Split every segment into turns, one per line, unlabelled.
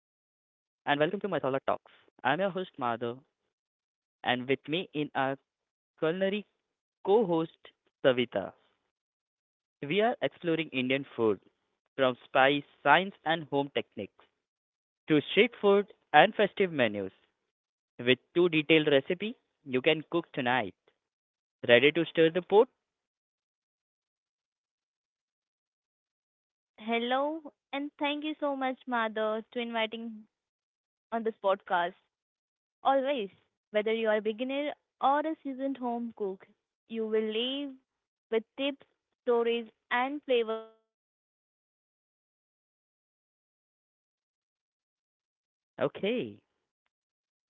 and welcome to Masala Talks. I'm your host, Madhav, and with me in our culinary co host, Savita. We are exploring Indian food from spice, science, and home techniques to street food and festive menus with two detailed recipe you can cook tonight. Ready to stir the pot?
Hello, and thank you so much, Madhav, to inviting on this podcast. Always, whether you are a beginner or a seasoned home cook, you will leave with tips, stories, and flavors that feel like home.
Okay.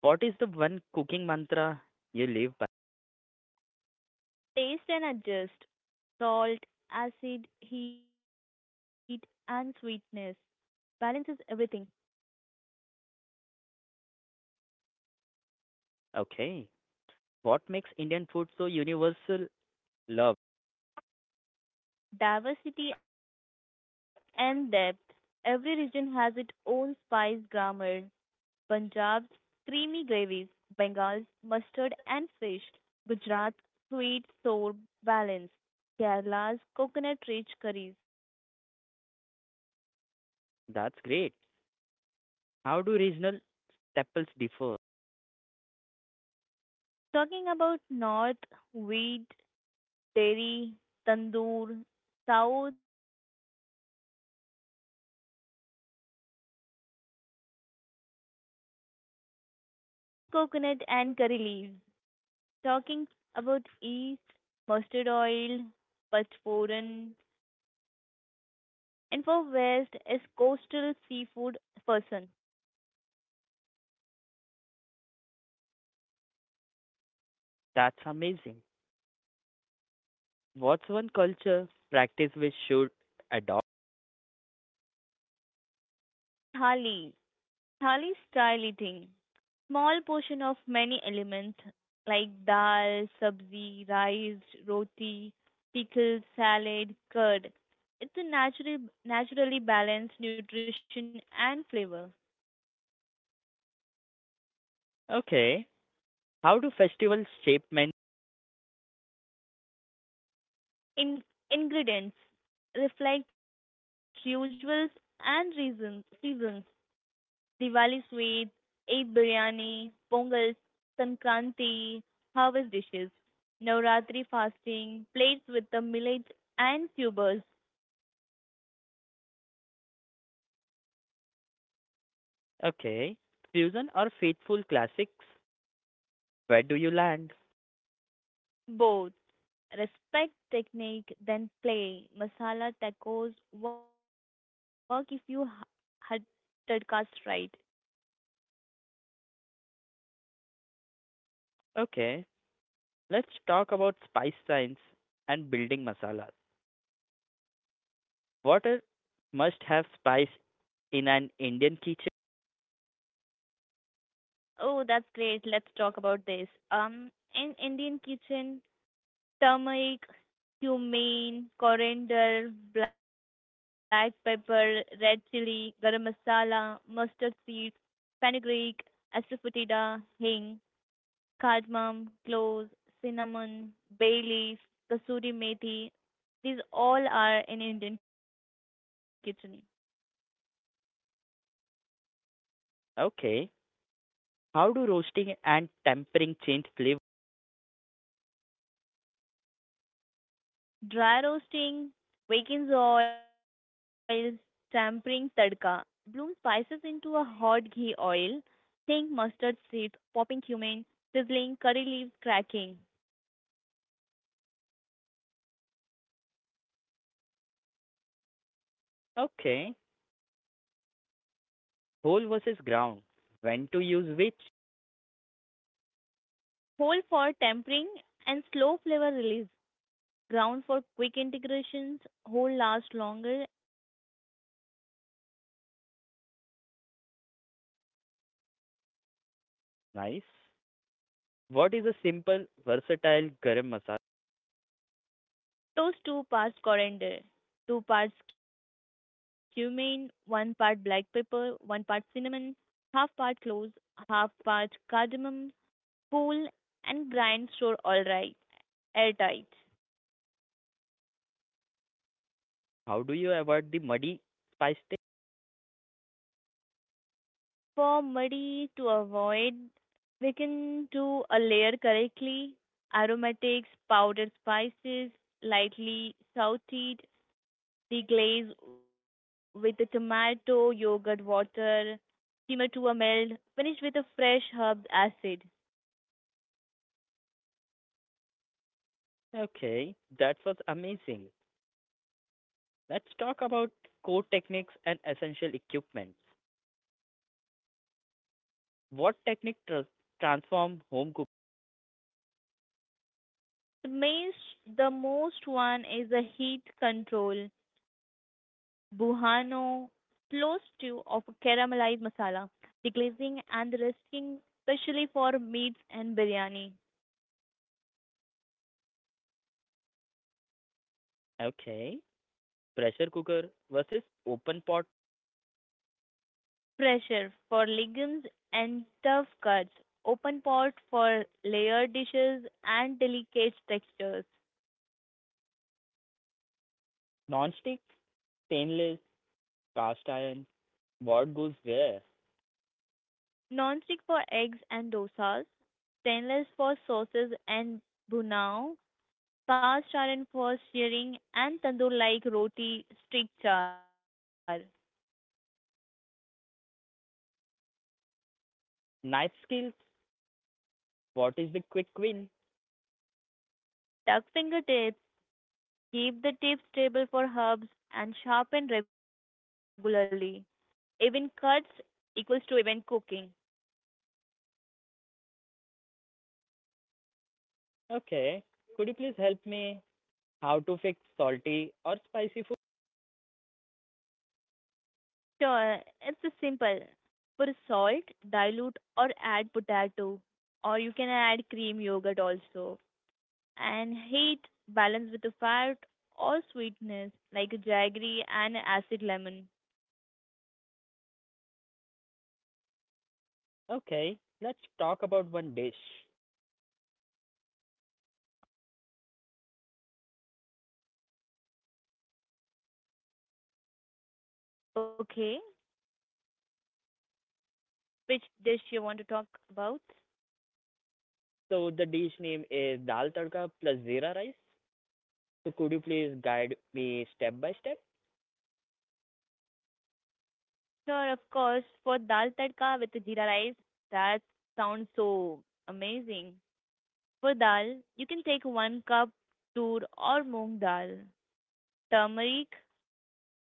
What is the one cooking mantra you live by?
Taste and adjust. Salt, acid, heat, and sweetness. Balances everything.
Okay. What makes Indian food so universal? Love.
Diversity and depth. Every region has its own spice grammar, Punjab's creamy gravies, Bengal's mustard and fish, Gujarat's sweet sour balance, Kerala's coconut rich curries.
That's great. How do regional temples differ?
Talking about north, wheat, dairy, tandoor, south, rice, lentils, fermented batters like idli dosa, and coconut and curry leaves. Talking about east, mustard oil, pachforan, and for West is coastal seafood person.
That's amazing. What's one culture practice we should adopt?
Thali. Thali style eating. Small portion of many elements like dal, sabzi, rice, roti, pickles, salad, curd. It's a natural, naturally balanced nutrition and flavor.
Okay. How do festivals shape men?
In, ingredients reflect usuals and reasons, seasons. Diwali sweets, Eid biryani, Pongal, Sankranti, harvest dishes, Navratri fasting, plates with the millet and tubers,
Okay. Fusion or faithful classics? Where do you land?
both. Respect technique, then play. Masala tacos work if you had tadkas right.
Okay. Let's talk about spice science and building masalas. What are must have spice in an Indian kitchen?
Oh, that's great. Let's talk about this. Um, in Indian kitchen, turmeric, cumin, coriander, black pepper, red chili, garam masala, mustard seeds, fenugreek, asafoetida, hing, cardamom, cloves, cinnamon, bay leaf, kasuri methi. These all are in Indian kitchen.
Okay. How do roasting and tempering change flavor?
Dry roasting, weakens oils, tempering tadka. Bloom spices into a hot ghee oil. Think mustard seeds, popping cumin, sizzling, curry leaves cracking.
Okay. Whole versus ground. When to use which?
Whole for tempering and slow flavor release. Ground for quick integrations, whole last longer and grind small batches fresh.
Nice. What is a simple, versatile garam masala?
Toast 2 parts coriander, 2 parts cumin, 1 part black pepper, 1 part cinnamon, half part cloves, half part cardamom, cool and brine store all right airtight.
How do you avoid the muddy spice taste?
For muddy to avoid, we can do a layer correctly. Aromatics, powdered spices, lightly sauteed, deglaze with the tomato, yogurt water, simmer to a melt, finish with a fresh herb acid.
Okay, that was amazing. Let's talk about core techniques and essential equipment. What technique transform home cooking?
The main, the most one is the heat control. Buhano slow stew of caramelized masala, deglazing and resting specially for meats and biryani.
Okay, pressure cooker versus open pot,
Pressure for legumes and tough cuts, open pot for layered dishes and delicate textures.
non-stick, stainless, cast iron. What goes where?
Non-stick for eggs and dosas, stainless for sauces and bunao, cast iron for searing and tandoor like roti stick char.
Knife skills. What is the quick win?
Duck fingertips keep the tips stable for herbs and sharpen regularly. Even cuts equals to even cooking.
Okay, could you please help me how to fix salty or spicy food?
Sure, it's a simple. Put salt, dilute or add potato or you can add cream yogurt also. And heat balance with the fat or sweetness like jaggery and acid lemon.
Okay, let's talk about one dish.
Okay, which dish you want to talk about?
So the dish name is dal tadka plus zira rice. So could you please guide me step by step?
Sure, of course. For dal tadka with jeera rice, that sounds so amazing. For dal, you can take one cup tur or moong dal, turmeric, salt.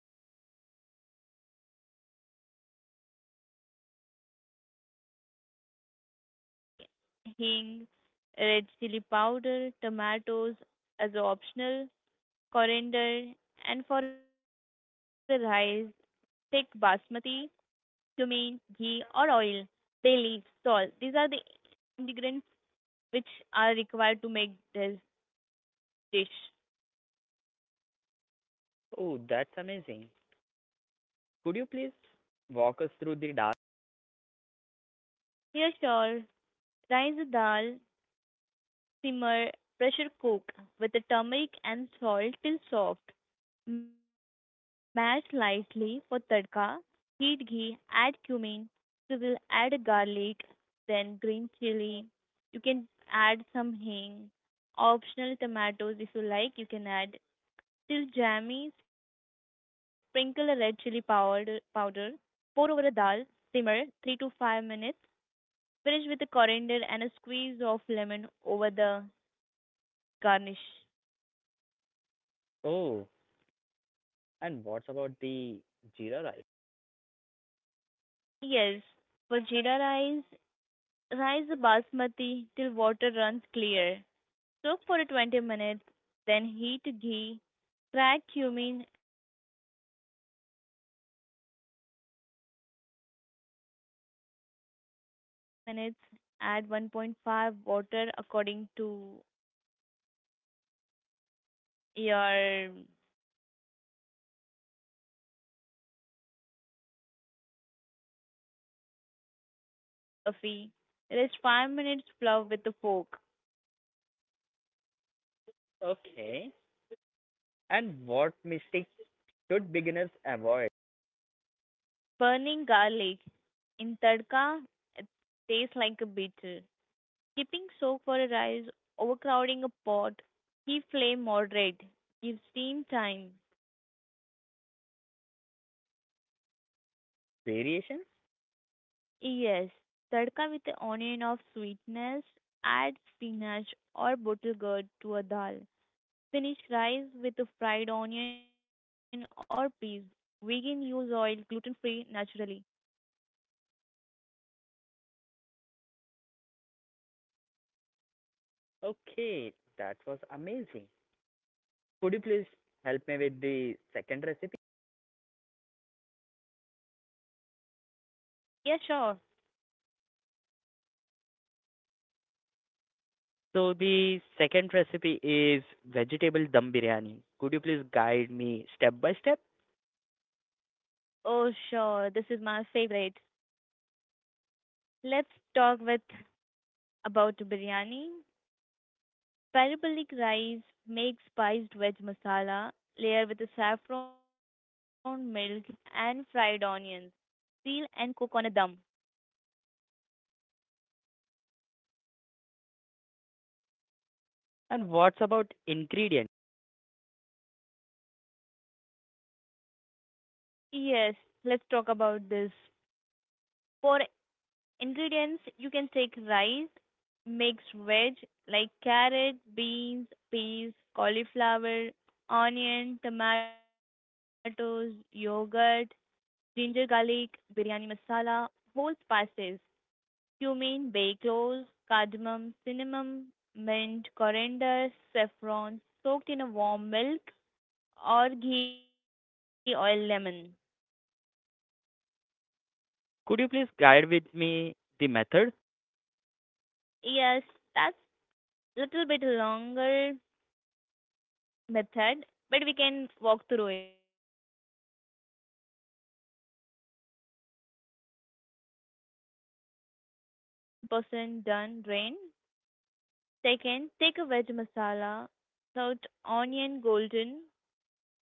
For tadka, you can take a ghee, even you can take a oil, cumin, garlic, green chili, hing, red chili powder, tomatoes as optional, coriander, and for a rice, take basmati cumin, ghee or oil, bay leaves, salt. These are the ingredients which are required to make this dish.
Oh, that's amazing. Could you please walk us through the dal?
Here, sure, rise the dal, simmer, pressure cook with the turmeric and salt till soft. Mash lightly for tadka. Heat ghee, add cumin, sizzle, add garlic, then green chili. You can add some hing. Optional tomatoes if you like, you can add till jammy, sprinkle a red chili powder, pour over a dal, simmer 3 to 5 minutes, finish with the coriander and a squeeze of lemon over the garnish.
Oh, and what's about the jeera rice?
Yes, for jeera rice, rise the basmati till water runs clear. Soak for 20 minutes, then heat ghee, crack cumin and bay leaf on a medium flame. Add dried rice, out for a one, 2 minutes, add 1.5 water according to your basmati quantity, then add salt, cook cover till fluffy, rest 5 minutes fluff with a fork.
Okay. And what mistakes should beginners avoid?
Burning garlic in tadka, it tastes like a beetle. Keeping soak for a rice, overcrowding a pot, keep flame moderate, give steam time.
Variations?
Yes, tadka with the onion of sweetness, add spinach or bottle gourd to a dal. Finish rice with a fried onion or peas. Vegan use oil, gluten free, naturally.
Okay, that was amazing. Could you please help me with the second recipe?
Yeah, sure.
So the second recipe is vegetable dum biryani. Could you please guide me step by step?
Oh, sure. This is my favorite. Let's talk with about biryani. Parabolic rice, make spiced veg masala, layer with saffron, milk, and fried onions. Seal and cook on a dum.
And what's about ingredient?
Yes, let's talk about this. For ingredients, you can take rice, mixed veg like carrot, beans, peas, cauliflower, onion, tomatoes, yogurt, ginger garlic, biryani masala, whole spices, cumin, bay cloves, cardamom, cinnamon, mint, coriander, saffron, soaked in a warm milk or ghee, oil, lemon.
Could you please guide with me the method?
Yes, that's little bit longer method, but we can walk through it. First, you can take a rice, boil with a salt and a whole spices till 70% done, drain. Second, take a veg masala, salt, onion, golden,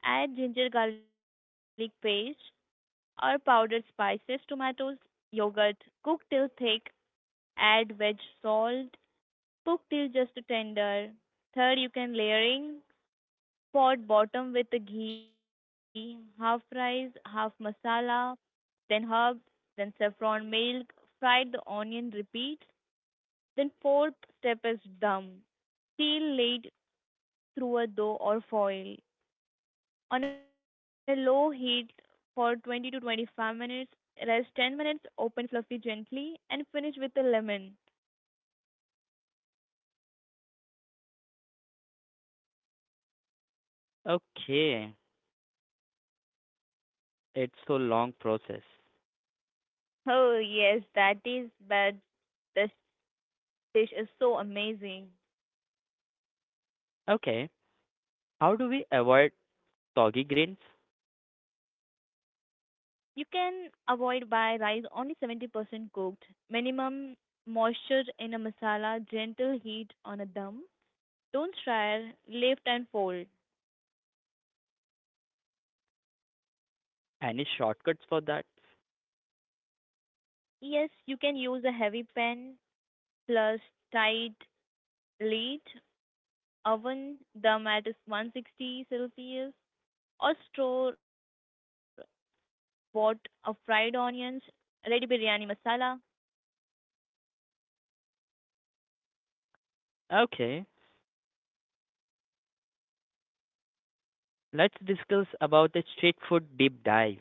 add ginger garlic paste or powdered spices, tomatoes, yogurt, cook till thick, add veg salt, cook till just tender. Third, you can layering, pot bottom with the ghee, half rice, half masala, then herbs, then saffron milk, fried the onion, repeat. Then fourth step is dum. Seal lid through a dough or foil. On a low heat for 20 to 25 minutes, rest 10 minutes, open fluffy gently, and finish with the lemon.
Okay, it's so long process.
Oh yes, that is, but this dish is so amazing.
Okay, how do we avoid soggy grains?
You can avoid by rice only 70% cooked, minimum moisture in a masala, gentle heat on a dum. Don't stir, lift and fold.
Any shortcuts for that?
Yes, you can use a heavy pan plus tight lid, oven them at 160 Celsius, or store pot of fried onions, ready biryani masala.
Okay, let's discuss about the street food deep dive.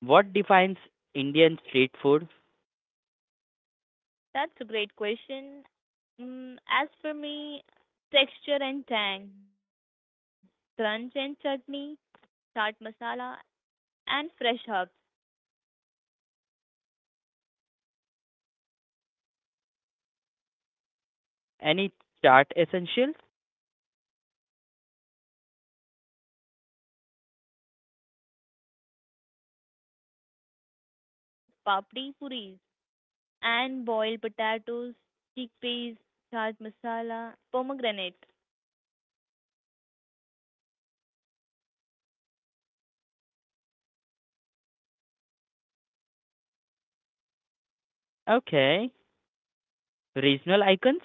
What defines Indian street food?
That's a great question. Mm, as for me, texture and tang, crunch and chutney, chaat masala, and fresh herbs.
Any chart essentials?
Yes, tamarind date chutney, green chutney, yogurt, sev, papdi puris, and boiled potatoes, chickpeas, chaat masala, pomegranate.
Okay, regional icons?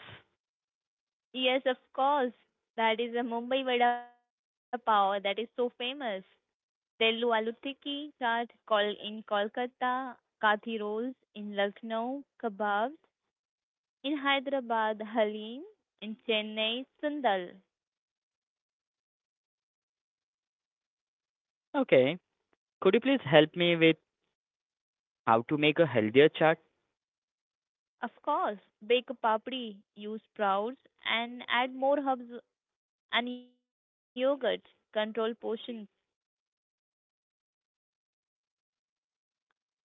Yes, of course. That is a Mumbai vada pav that is so famous. Theluvaalutiki chaat Kol in Kolkata, Kathi rolls in Lucknow, kebabs in Hyderabad, halim in Chennai, sandal.
Okay. Could you please help me with how to make a healthier chart?
Of course, bake a papdi, use sprouts and add more herbs and yogurt. Control portions.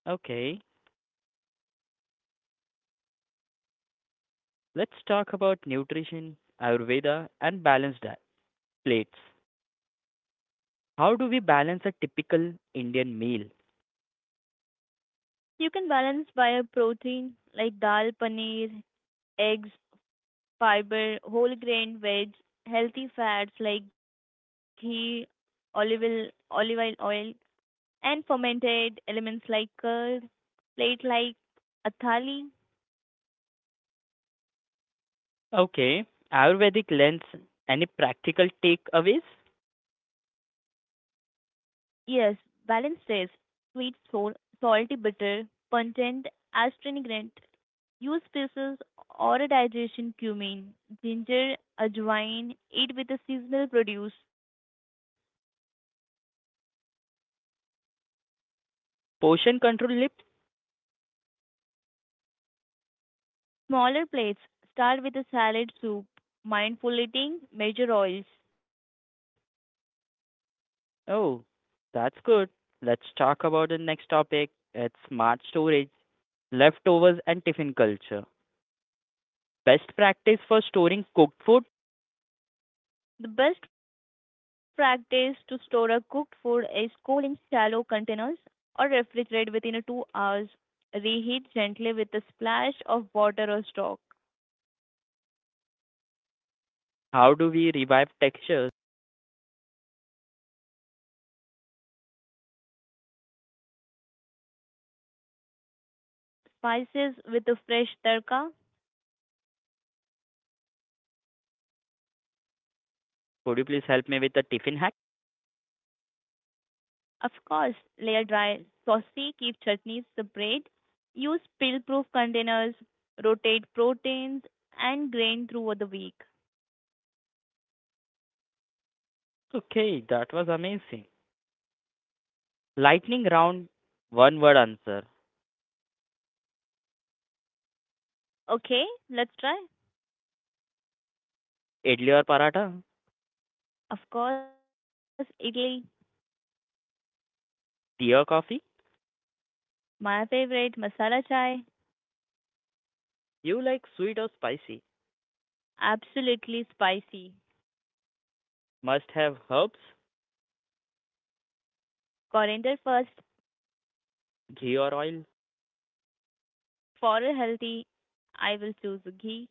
Okay. Let's talk about nutrition, Ayurveda, and balanced diet plates. How do we balance a typical Indian meal?
You can balance by a protein like dal, paneer, eggs, fiber, whole grain veg, healthy fats like ghee, olive oil, oil and fermented elements like curd, plate like athali.
Okay. Ayurvedic lens. Any practical takeaways?
Yes, balanced taste, sweet sour, salty bitter, content astringent. Use spices or a digestion cumin, ginger, ajwain, eat with a seasonal produce.
Portion control lip?
Smaller plates, start with a salad soup. Mindful eating, measure oils.
Oh, that's good. Let's talk about the next topic. It's smart storage, leftovers, and tiffin culture. Best practice for storing cooked food?
The best practice to store a cooked food is cool in shallow containers or refrigerate within a 2 hours. Reheat gently with a splash of water or stock.
How do we revive textures?
Buy crisp in oven or air fryer. Rebloom spices with a fresh tadka.
Could you please help me with the tiffin hack?
Of course, layer dry saucy, keep chutneys separate. Use spill proof containers, rotate proteins and grain throughout the week.
Okay, that was amazing. Lightning round, one word answer.
Okay, let's try.
Idli or paratha?
Of course, Italy,
Tea or coffee?
my favorite masala chai,
You like sweet or spicy?
absolutely spicy.
Must have herbs,
Coriander first,
ghee or oil?
for a healthy, I will choose ghee.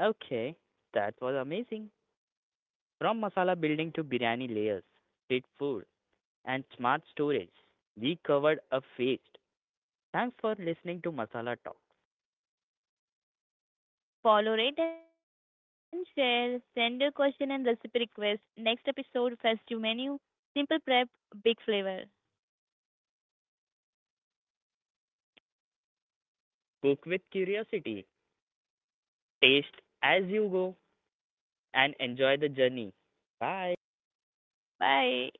Okay, that was amazing. From masala building to biryani layers, street food, and smart storage, we covered a feast. Thanks for listening to Masala Talk.
Follow, rate, and share. Send your question and recipe request. Next episode, festive menu, simple prep, big flavor.
Cook with curiosity, taste as you go, and enjoy the journey. Bye.
Bye.